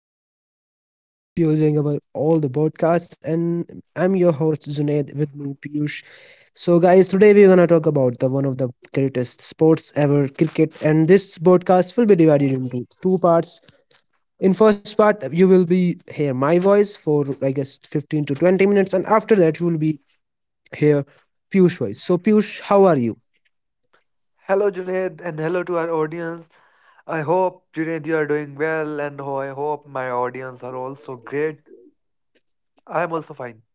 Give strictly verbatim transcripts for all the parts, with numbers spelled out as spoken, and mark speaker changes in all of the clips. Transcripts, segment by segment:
Speaker 1: to our podcast, and I hope you're enjoying our all the podcasts. And I'm your host Junaid with me Piyush. So guys, today we're gonna talk about the one of the greatest sports ever, cricket. And this podcast will be divided into two parts. In first part, you will be hear my voice for I guess fifteen to twenty minutes, and after that you will be hear Piyush voice. So Piyush, how are you?
Speaker 2: Hello, Junaid, and hello to our audience. I hope, Junaid, you are doing well, and ho- I hope my audience are also great. I'm also fine.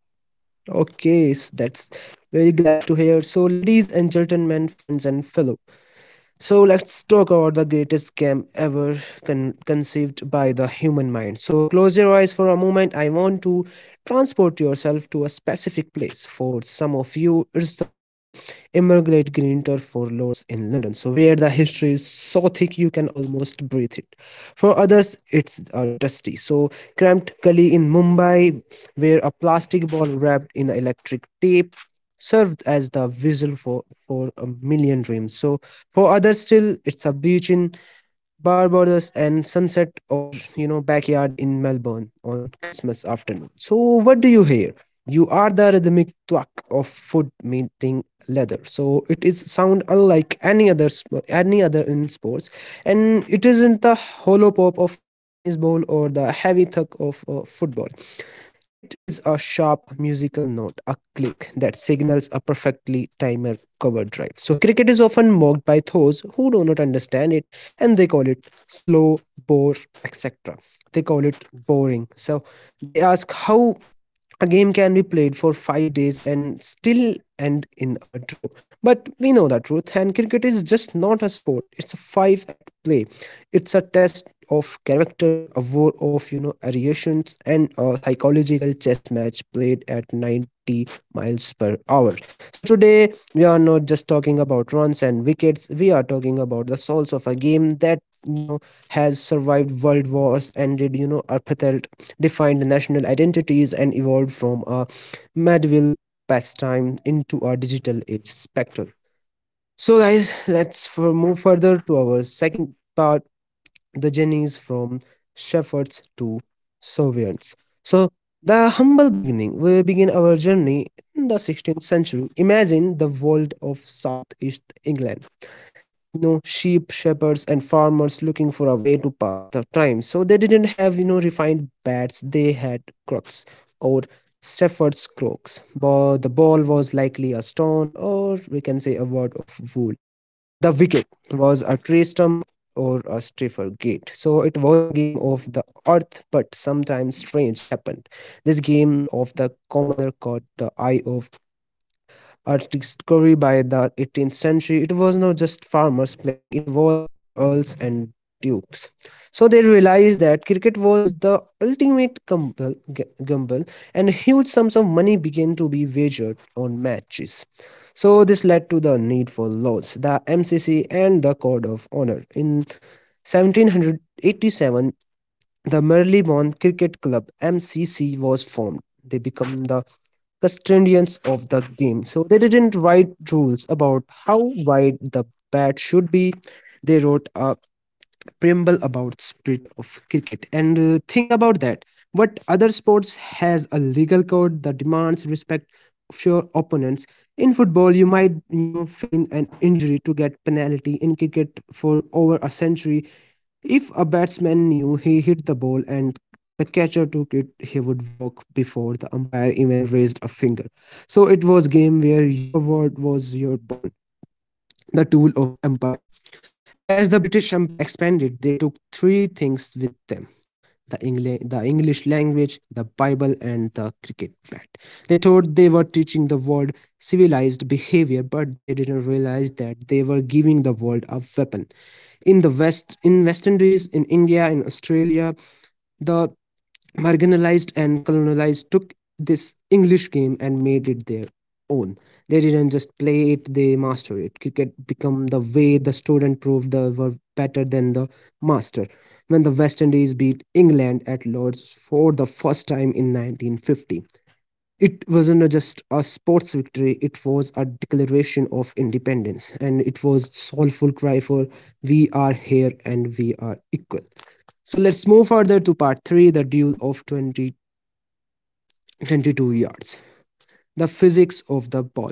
Speaker 1: Okay, s- that's very glad to hear. So ladies and gentlemen, friends and fellow. So let's talk about the greatest scam ever con- conceived by the human mind. So close your eyes for a moment. I want to transport yourself to a specific place. For some of you, it's the Immigrant Green Turf for Lords in London. So where the history is so thick you can almost breathe it. For others, it's a dusty, so cramped gully in Mumbai, where a plastic ball wrapped in electric tape served as the visual for, for a million dreams. So for others still, it's a beach in Barbados and sunset or you know backyard in Melbourne on Christmas afternoon. So what do you hear? You are the rhythmic thwack of foot meeting leather. So it is sound unlike any other any other in sports, and it isn't the hollow pop of a tennis ball or the heavy thud of uh, football. It is a sharp musical note, a click that signals a perfectly timed cover drive. So, cricket is often mocked by those who do not understand it, and they call it slow, bore, et cetera. They call it boring. So, they ask how a game can be played for five days and still end in a draw, but we know the truth. And cricket is just not a sport, it's a five act play. It's a test of character, a war of you know variations, and a psychological chess match played at ninety miles per hour. So today we are not just talking about runs and wickets. We are talking about the souls of a game that you know has survived world wars, and did you know defined national identities, and evolved from a medieval pastime into a digital age spectrum. So, guys, let's for move further to our second part, the journeys from shepherds to sovereigns. So, the humble beginning. We begin our journey in the sixteenth century. Imagine the world of Southeast England, you know sheep shepherds and farmers looking for a way to pass the time. So they didn't have you know refined bats. They had crooks or shepherd's crooks, but the ball was likely a stone, or we can say a word of wool. The wicket was a tree stump or a stiffer gate. So it was a game of the earth, but sometimes strange happened. This game of the commoner caught the eye of art discovery. By the eighteenth century, it was not just farmers playing, it was earls and dukes. So they realized that cricket was the ultimate gamble, gamble, and huge sums of money began to be wagered on matches. So this led to the need for laws, the MCC, and the code of honor. In seventeen eighty-seven, the Marylebone Cricket Club (M C C) was formed. They become the custodians of the game. So they didn't write rules about how wide the bat should be. They wrote a preamble about spirit of cricket. And uh, think about that. What other sports has a legal code that demands respect of your opponents? In football, you might you know feign an injury to get penalty. In cricket, for over a century, if a batsman knew he hit the ball and the catcher took it, he would walk before the umpire even raised a finger. So it was game where your word was your bond, the tool of empire. As the British Empire expanded, they took three things with them: the, Engla- the English language, the Bible, and the cricket bat. They thought they were teaching the world civilized behavior, but they didn't realize that they were giving the world a weapon. In the west, in West Indies, in India, in Australia, the marginalized and colonized took this English game and made it their own. They didn't just play it, they mastered it. Cricket became the way the student proved they were better than the master. When the West Indies beat England at Lords for the first time in nineteen fifty, it wasn't just a sports victory. It was a declaration of independence, and it was soulful cry for we are here and we are equal. So let's move further to part three, the duel of twenty twenty-two yards, the physics of the ball.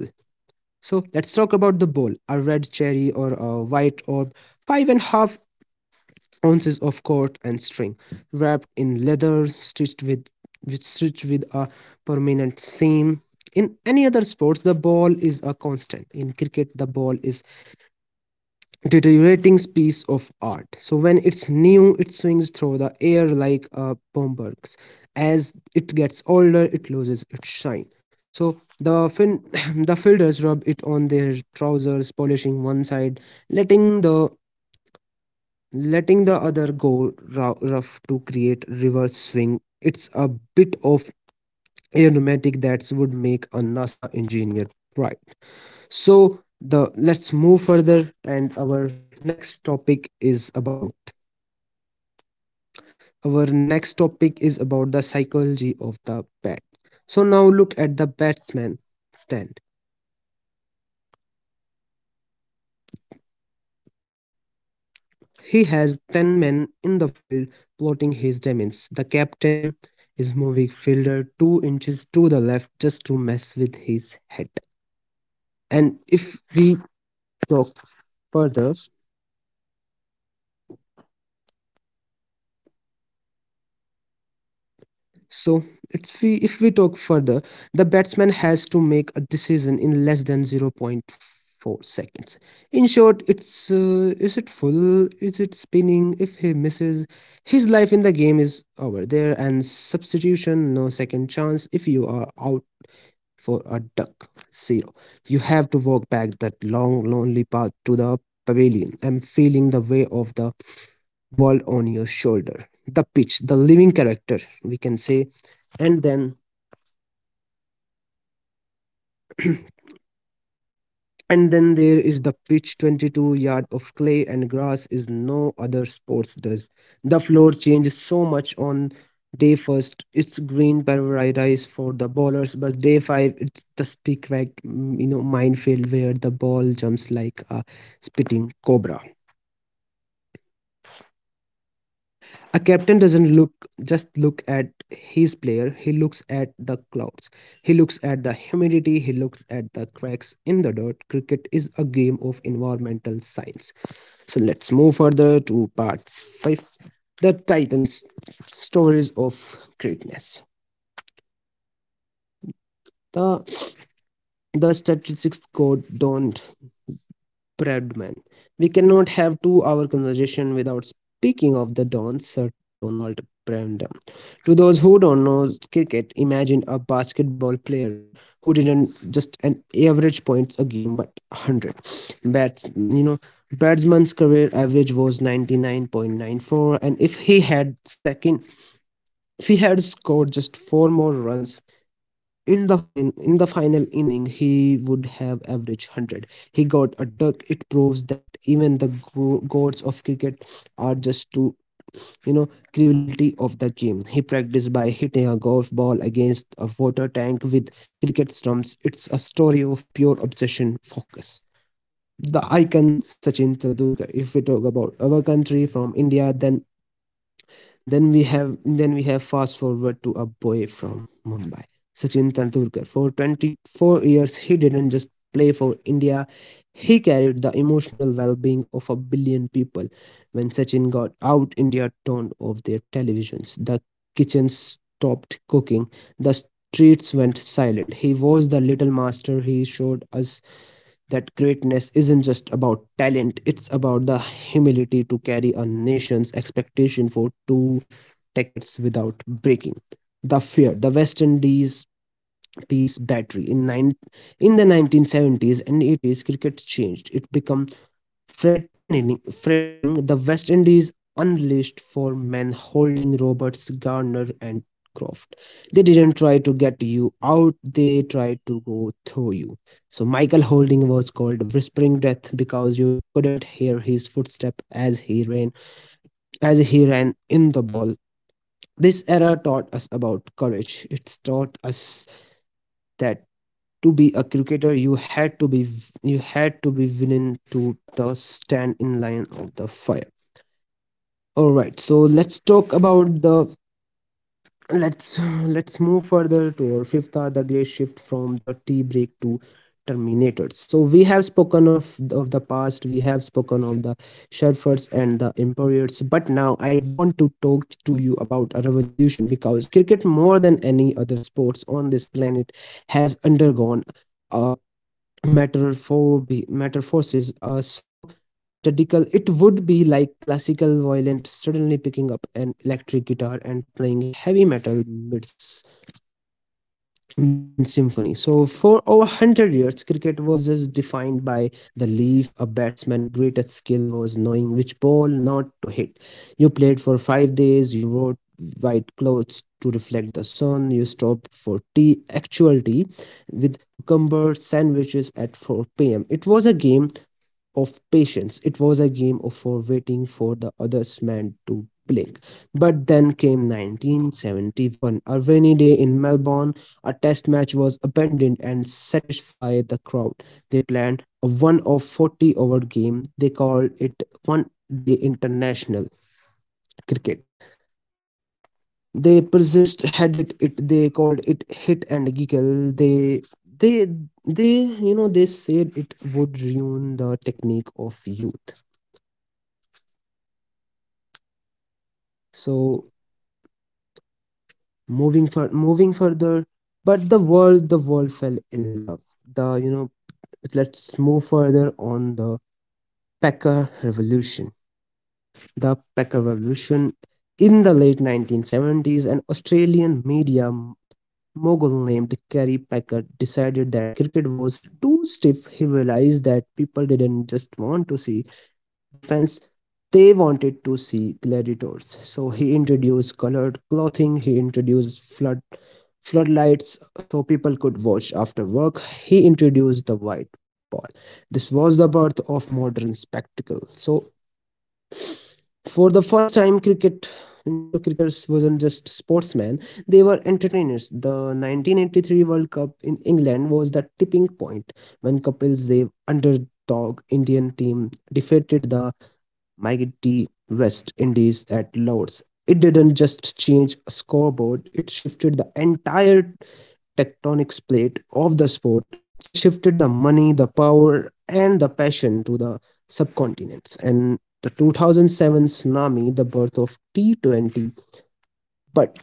Speaker 1: So let's talk about the ball, a red cherry or a white orb, five and a half ounces of cord and string wrapped in leather stitched with with stitched with a permanent seam. In any other sports, the ball is a constant. In cricket, the ball is a deteriorating piece of art. So when it's new, it swings through the air like a bomber. As it gets older, it loses its shine. So the fin- the fielders rub it on their trousers, polishing one side, letting the letting the other go rou- rough to create reverse swing. It's a bit of aerodynamic that would make a NASA engineer proud. So the let's move further, and our next topic is about our next topic is about the psychology of the bat. So now look at the batsman stand. He has ten men in the field plotting his demise. The captain is moving Fielder two inches to the left just to mess with his head. And if we talk further, so it's we if we talk further, the batsman has to make a decision in less than zero point zero point four seconds. In short, it's uh, is it full? Is it spinning? If he misses, his life in the game is over there, and substitution no second chance if you are out for a duck. Zero. You have to walk back that long, lonely path to the pavilion and feeling the weight of the world on your shoulder. The pitch, the living character, we can say. And then And then there is the pitch twenty-two yard of clay and grass is no other sports does. The floor changes so much on day first. It's green paradise for the bowlers, but day five it's the stick wag mm, you know minefield where the ball jumps like a spitting cobra. A captain doesn't look just look at his player, he looks at the clouds. He looks at the humidity, he looks at the cracks in the dirt. Cricket is a game of environmental science. So let's move further to parts five, The Titans Stories of Greatness. The, the statistics code don't Bradman. We cannot have two-hour conversation without speaking of the Don Sir Donald Bradman. To those who don't know cricket, imagine a basketball player who didn't just an average points a game, but one hundred bats. You know, Bradman's career average was ninety-nine point nine four, and if he had second, if he had scored just four more runs in the fin- in the final inning, he would have averaged one hundred. He got a duck. It proves that even the go- gods of cricket are just too, you know, cruelty of the game. He practiced by hitting a golf ball against a water tank with cricket stumps. It's a story of pure obsession, focus. The icon Sachin Tendulkar. If we talk about our country from India, then then we have then we have fast forward to a boy from Mumbai, Sachin Tendulkar. For twenty-four years, he didn't just play for India; he carried the emotional well-being of a billion people. When Sachin got out, India turned off their televisions. The kitchens stopped cooking. The streets went silent. He was the little master. He showed us that greatness isn't just about talent, it's about the humility to carry a nation's expectation for two decades without breaking. The fear, the West Indies peace battery in nine, in the nineteen seventies and eighties, cricket changed. It became Threatening, threatening The West Indies unleashed four men holding Roberts, Garner and Croft. They didn't try to get you out, they tried to go through you. So Michael Holding was called Whispering Death because you couldn't hear his footstep as he ran as he ran in the ball. This era taught us about courage. It taught us that to be a cricketer you had to be you had to be willing to the stand in line of the fire. All right, so let's talk about the let's let's move further to our fifth hour, the great shift from the tea break to Terminators. So we have spoken of of the past, we have spoken of the Sherfords and the Empires, but now I want to talk to you about a revolution, because cricket, more than any other sports on this planet, has undergone a metamorphobe metamorphoses uh, so radical it would be like classical violin suddenly picking up an electric guitar and playing heavy metal bits Bend Symphony. So for over one hundred years, cricket was just defined by the leaf. A batsman's greatest skill was knowing which ball not to hit. You played for five days. You wore white clothes to reflect the sun. You stopped for tea, actual tea, with cucumber sandwiches at four p m. It was a game of patience. It was a game of for waiting for the other's man to blink. But then came nineteen seventy-one, a rainy day in Melbourne. A test match was abandoned and satisfied the crowd. They planned a one of forty over game. They called it one day international cricket. They persist had it, it they called it hit and giggle. They they they you know they said it would ruin the technique of youth. So moving for moving further, but the world, the world fell in love. The you know Let's move further on the packer revolution. The packer revolution in the late nineteen seventies, an Australian media m- mogul named Kerry Packer decided that cricket was too stiff. He realized that people didn't just want to see defense, they wanted to see gladiators. So he introduced colored clothing, he introduced flood floodlights so people could watch after work. He introduced the white ball. This was the birth of modern spectacle. So for the first time, cricket you know cricketers wasn't just sportsmen, they were entertainers. The nineteen eighty-three World Cup in England was the tipping point, when Kapil Dev underdog Indian team defeated the mighty West Indies at Lord's. It didn't just change a scoreboard, it shifted the entire tectonic plate of the sport. It shifted the money, the power, and the passion to the subcontinents. And the two thousand seven tsunami, the birth of T twenty. But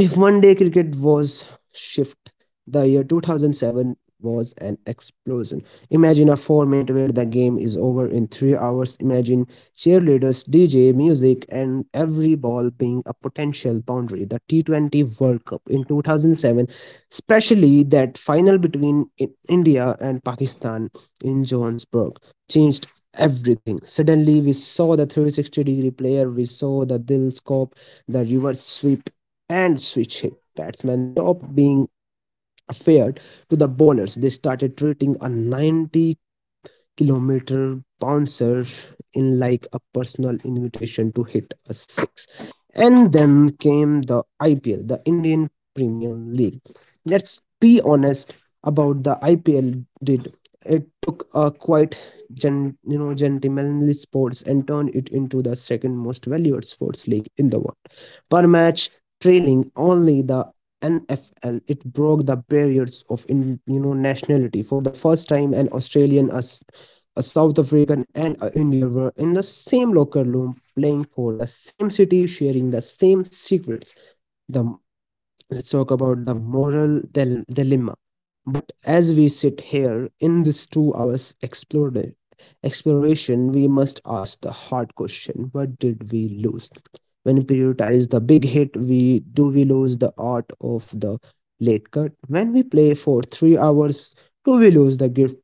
Speaker 1: if one day cricket was shift, the year two thousand seven was an explosion. Imagine a format where the game is over in three hours. Imagine cheerleaders, D J, music, and every ball being a potential boundary. The T twenty World Cup in two thousand seven, especially that final between I- India and Pakistan in Johannesburg, changed everything. Suddenly, we saw the three sixty degree player, we saw the Dil scope, the reverse sweep and switch hit. Batsmen stopped being fair to the bowlers. They started treating a ninety kilometer bouncer in like a personal invitation to hit a six. And then came the I P L, the Indian Premium League. Let's be honest about the I P L did. It took a quite gen, you know gentlemanly sports and turned it into the second most valued sports league in the world. Per match, trailing only the N F L, it broke the barriers of in, you know nationality. For the first time, an Australian, a s- a South African and an Indian were in the same locker room, playing for the same city, sharing the same secrets. The. Let's talk about the moral dil- dilemma. But as we sit here in this two hours explore- exploration, we must ask the hard question: what did we lose? When we prioritize the big hit, we do we lose the art of the late cut? When we play for three hours, do we lose the gift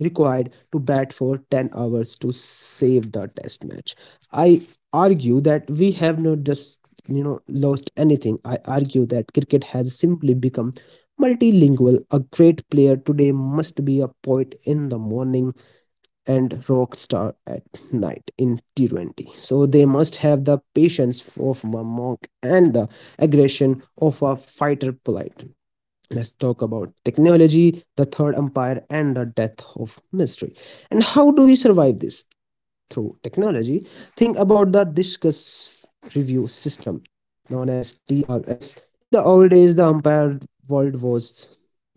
Speaker 1: required to bat for ten hours to save the test match? I argue that we have not just you know lost anything. I argue that cricket has simply become multilingual. A great player today must be a poet in the morning and rock star at night. In T twenty, so they must have the patience of a monk and the aggression of a fighter. Polite. Let's talk about technology, the third umpire and the death of mystery and how do we survive this through technology. Think about the discus review system known as D R S. In the old days, the umpire world was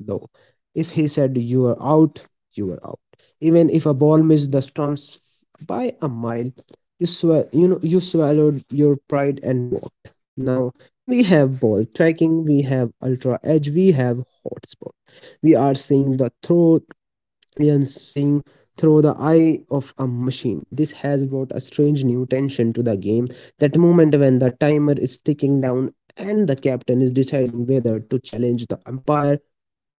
Speaker 1: low. If he said you were out, you were out. Even if a ball missed the stumps by a mile, you sw— you know you swallowed your pride and walked. Now we have ball tracking, we have ultra edge, we have hotspot. We are seeing the throw and seeing through the eye of a machine. This has brought a strange new tension to the game. That moment when the timer is ticking down and the captain is deciding whether to challenge the umpire,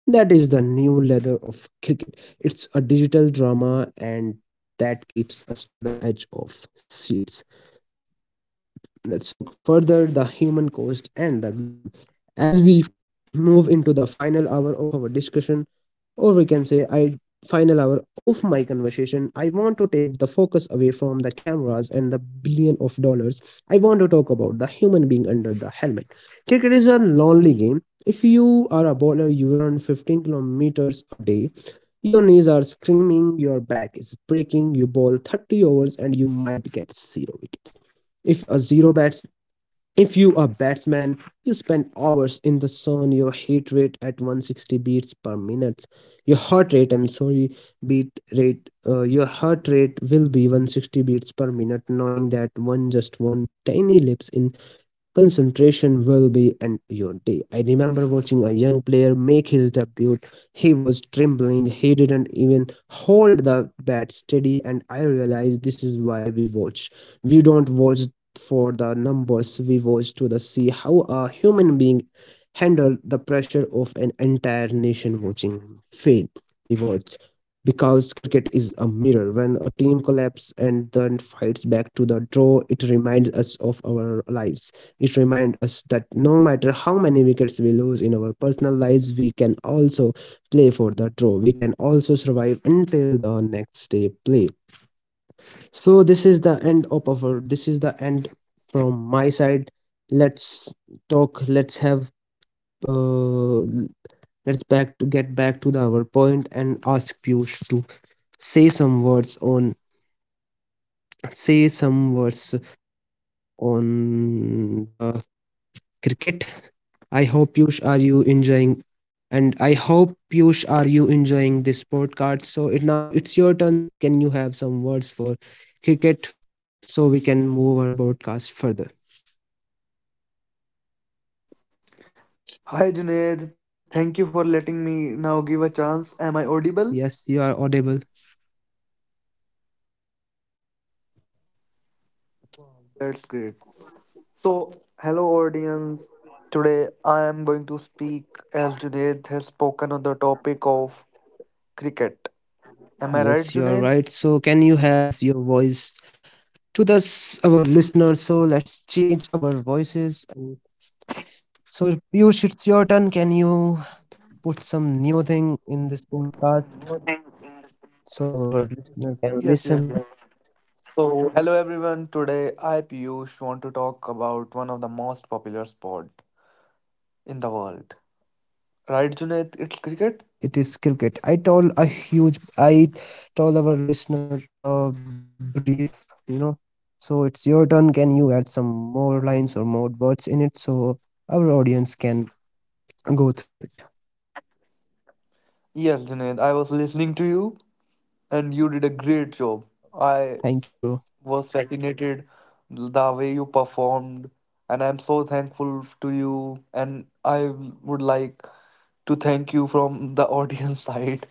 Speaker 1: that is the new leather of cricket. It's a digital drama and that keeps us to the edge of seats. Let's so further the human cost and the glory. As we move into the final hour of our discussion, or we can say I final hour of my conversation, I want to take the focus away from the cameras and the billion of dollars. I want to talk about the human being under the helmet. Cricket is a lonely game. If you are a bowler, you run fifteen kilometers a day, your knees are screaming, your back is breaking, you bowl thirty overs and you might get zero wickets. If a zero bats, if you a batsman, you spend hours in the sun, your heart rate at one sixty beats per minute. Your heart rate, I'm sorry, beat rate, uh, your heart rate will be one sixty beats per minute, knowing that one, just one tiny lapse in concentration will be end your day. I remember watching a young player make his debut. He was trembling, he didn't even hold the bat steady, and I realized this is why we watch. We don't watch for the numbers, we watch to the see how a human being handle the pressure of an entire nation watching fail. We watch because cricket is a mirror. When a team collapses and then fights back to the draw, it reminds us of our lives. It reminds us that no matter how many wickets we lose in our personal lives, we can also play for the draw. We can also survive until the next day play. So this is the end of our. This is the end from my side. Let's talk. Let's have. Uh, let's back to get back to the, our point and ask Piyush to say some words on say some words on the cricket. I hope Piyush, are you enjoying, and I hope Piyush, are you enjoying this podcast. So it now it's your turn. Can you have some words for cricket so we can move our broadcast further?
Speaker 2: Hi Junaid, thank you for letting me now give a chance.
Speaker 1: Yes,
Speaker 2: Am
Speaker 1: you
Speaker 2: I
Speaker 1: are audible.
Speaker 2: audible? That's great. So, hello audience. Today I am going to speak as Junaid has spoken on the topic of cricket. Am I right,
Speaker 1: Yes, you are
Speaker 2: Junaid?
Speaker 1: right. So can you have your voice to the s- our listeners? So let's change our voices. And so Piyush, it's your turn. Can you put some new thing in this podcast so our listener can
Speaker 2: Yes, yes,
Speaker 1: listen?
Speaker 2: yes. So, hello everyone. Today I, Piyush, want to talk about one of the most popular sport in the world. Right, Junaid? It's
Speaker 1: Yeah,
Speaker 2: cricket?
Speaker 1: it is cricket. I told a huge, I told our listener a brief, you know. So it's your turn. Can you add some more lines or more words in it so our audience can go through it?
Speaker 2: Yes, Junaid. I was listening to you and you did a great job. I
Speaker 1: Thank you, bro.
Speaker 2: was fascinated the way you performed, and I'm so thankful to you, and I would like to thank you from the audience side,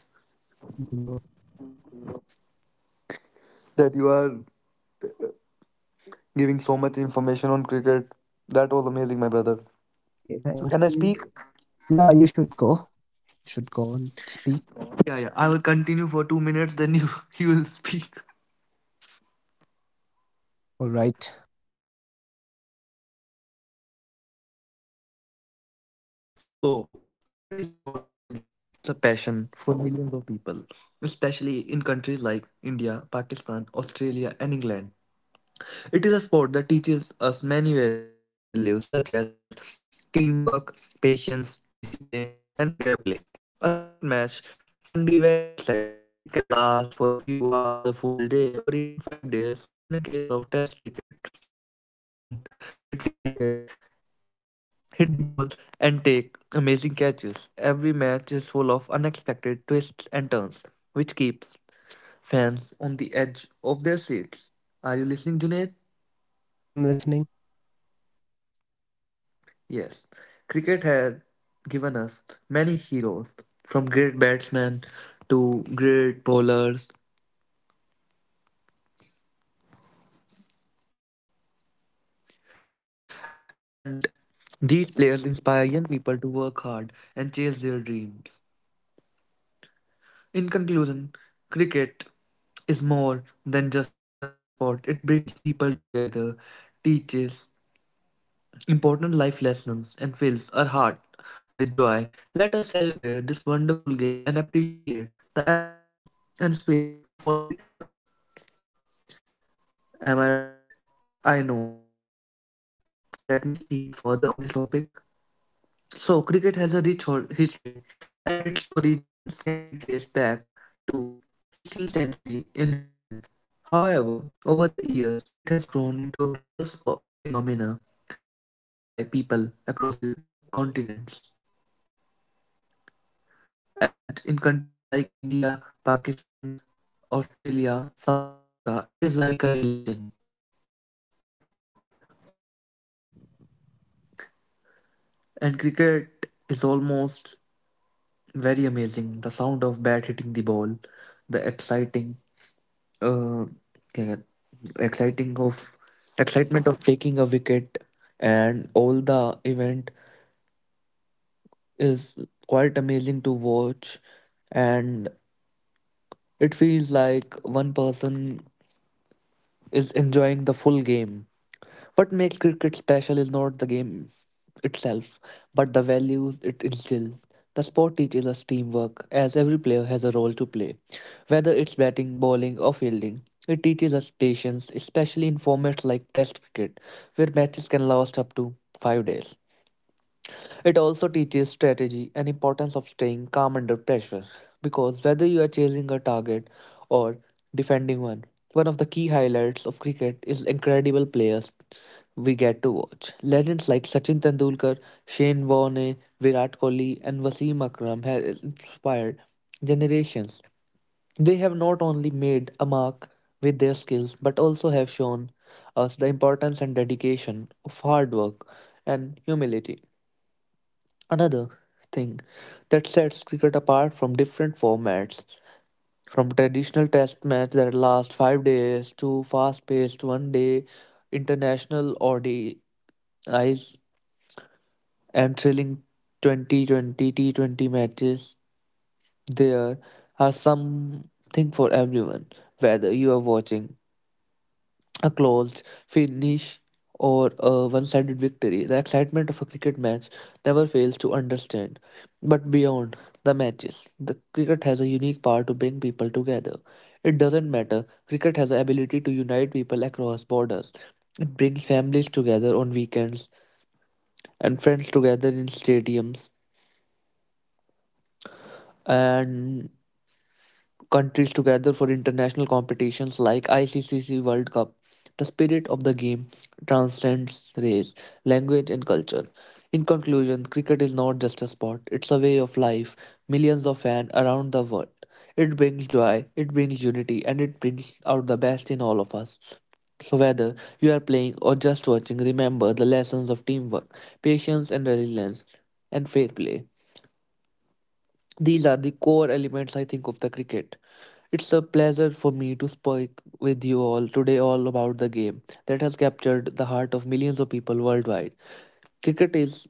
Speaker 1: Thank you, bro.
Speaker 2: that you are giving so much information on cricket. That was amazing, my brother.
Speaker 1: Okay, thank
Speaker 2: So can I
Speaker 1: you.
Speaker 2: speak?
Speaker 1: Yeah, you should go. You should go and speak.
Speaker 2: Yeah, yeah, I will continue for 2 minutes, then you you will speak.
Speaker 1: All right.
Speaker 2: So cricket is not just a game, it's a passion for millions of people, especially in countries like India, Pakistan, Australia, and England. It is a sport that teaches us many values such as teamwork, patience, discipline, and fair play. A cricket match can be very exciting. It can last for a few hours, a full day, or even five days in a case of test cricket. Players run between wickets, hit the ball, and take amazing catches. Every match is full of unexpected twists and turns, which keeps fans on the edge of their seats. Are you listening, Junaid?
Speaker 1: So, yes, bro, I'm listening.
Speaker 2: Yes, cricket had given us many heroes, from great batsmen to great bowlers, and these players inspire young people to work hard and chase their dreams. In conclusion, cricket is more than just a sport. It brings people together, teaches important life lessons, and fills our heart with joy. Let us celebrate this wonderful game and appreciate the efforts and spirit of all cricketers. Am I right? I know I am right. Okay. Let me speak further on this topic. So, cricket has a rich hor- history, and its origins can be traced back to sixteenth century in England. However, over the years, it has grown into a global spo- phenomena, loved by people across the continents. And in countries like India, Pakistan, Australia, South Africa, it is like a religion. And cricket is almost very amazing. The sound of bat hitting the ball, the exciting, क्या कहते- exciting of excitement of taking a wicket, and all the event is quite amazing to watch. And it feels like one person is enjoying the full game. What makes cricket special is not the game itself, but the values it instills. The sport teaches us teamwork, as every player has a role to play, whether it's batting, bowling, or fielding. It teaches us patience, especially in formats like Test cricket, where matches can last up to five days. It also teaches strategy and importance of staying calm under pressure, because whether you are chasing a target or defending one, one of the key highlights of cricket is incredible players we get to watch. Legends like Sachin Tendulkar, Shane Warne, Virat Kohli, and Wasim Akram have inspired generations. They have not only made a mark with their skills but also have shown us the importance and dedication of hard work and humility. Another thing that sets cricket apart from different formats, from traditional test matches that last five days to fast paced one day international O D Is and thrilling twenty twenty T twenty matches, there are something for everyone. Whether you are watching a closed finish or a one-sided victory, the excitement of a cricket match never fails to understand. But beyond the matches, the cricket has a unique power to bring people together. It doesn't matter. Cricket has the ability to unite people across borders. It brings families together on weekends and friends together in stadiums, and countries together for international competitions like I C C World Cup. The spirit of the game transcends race, language, and culture. In conclusion, cricket is not just a sport, it's a way of life. Millions of fans around the world. It brings joy, it brings unity, and it brings out the best in all of us. So, whether you are playing or just watching, remember the lessons of teamwork, patience, and resilience, and fair play. These are the core elements, I think, of the cricket. It's a pleasure for me to speak with you all today all about the game that has captured the heart of millions of people worldwide. Cricket is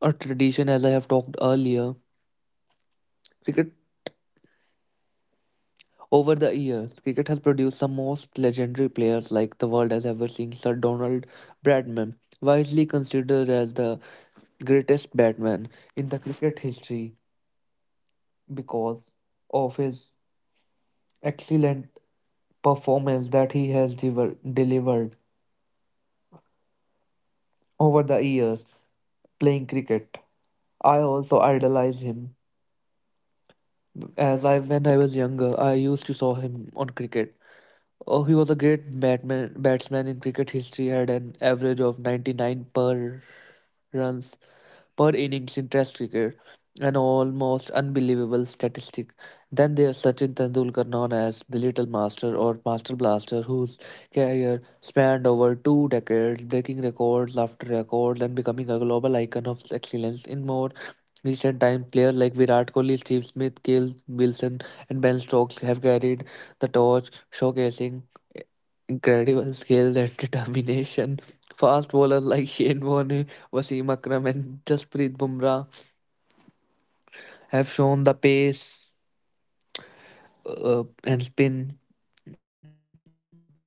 Speaker 2: a tradition, as I have talked earlier. Cricket over the years, cricket has produced some most legendary players like the world has ever seen. Sir Donald Bradman, widely considered as the greatest batsman in the cricket history because of his excellent performance that he has dever- delivered over the years playing cricket. I also idolize him. As I, when I was younger, I used to saw him on cricket. Oh, he was a great batman, batsman in cricket history. Had an average of ninety-nine per runs per innings in Test cricket, an almost unbelievable statistic. Then there's Sachin Tendulkar, known as the Little Master or Master Blaster, whose career spanned over two decades, breaking records after records and becoming a global icon of excellence. In more recent times, players like Virat Kohli, Steve Smith, Cale Wilson, and Ben Stokes have carried the torch, showcasing incredible skill and determination. Fast bowlers like Shane Warne, Wasim Akram, and Jasprit Bumrah have shown the pace, uh, and spin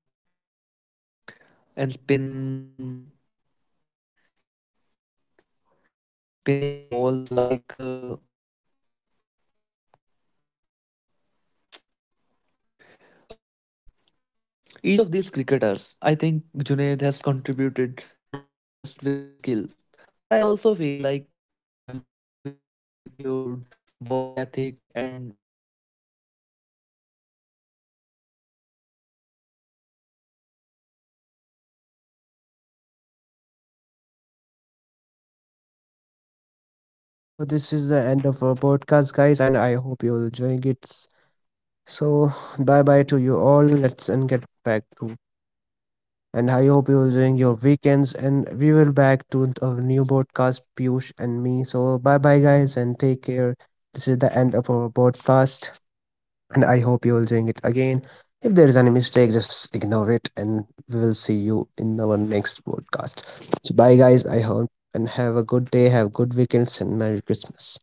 Speaker 2: and spin spinning balls like uh, uh, each of these cricketers. I think Junaid has contributed not just with their skills, but I also feel like they have with their attitude,
Speaker 1: So this is the end of our podcast, guys, and I hope you're enjoying it. So bye bye to you all. Let's and get back to. And I hope you're enjoying your weekends. And we will back to our new podcast, Piyush and me. So bye bye, guys, and take care. This is the end of our podcast, and I hope you're enjoying it again. If there is any mistake, just ignore it, and we will see you in our next podcast. So bye, guys. I hope and have a good day, have good weekends, and Merry Christmas.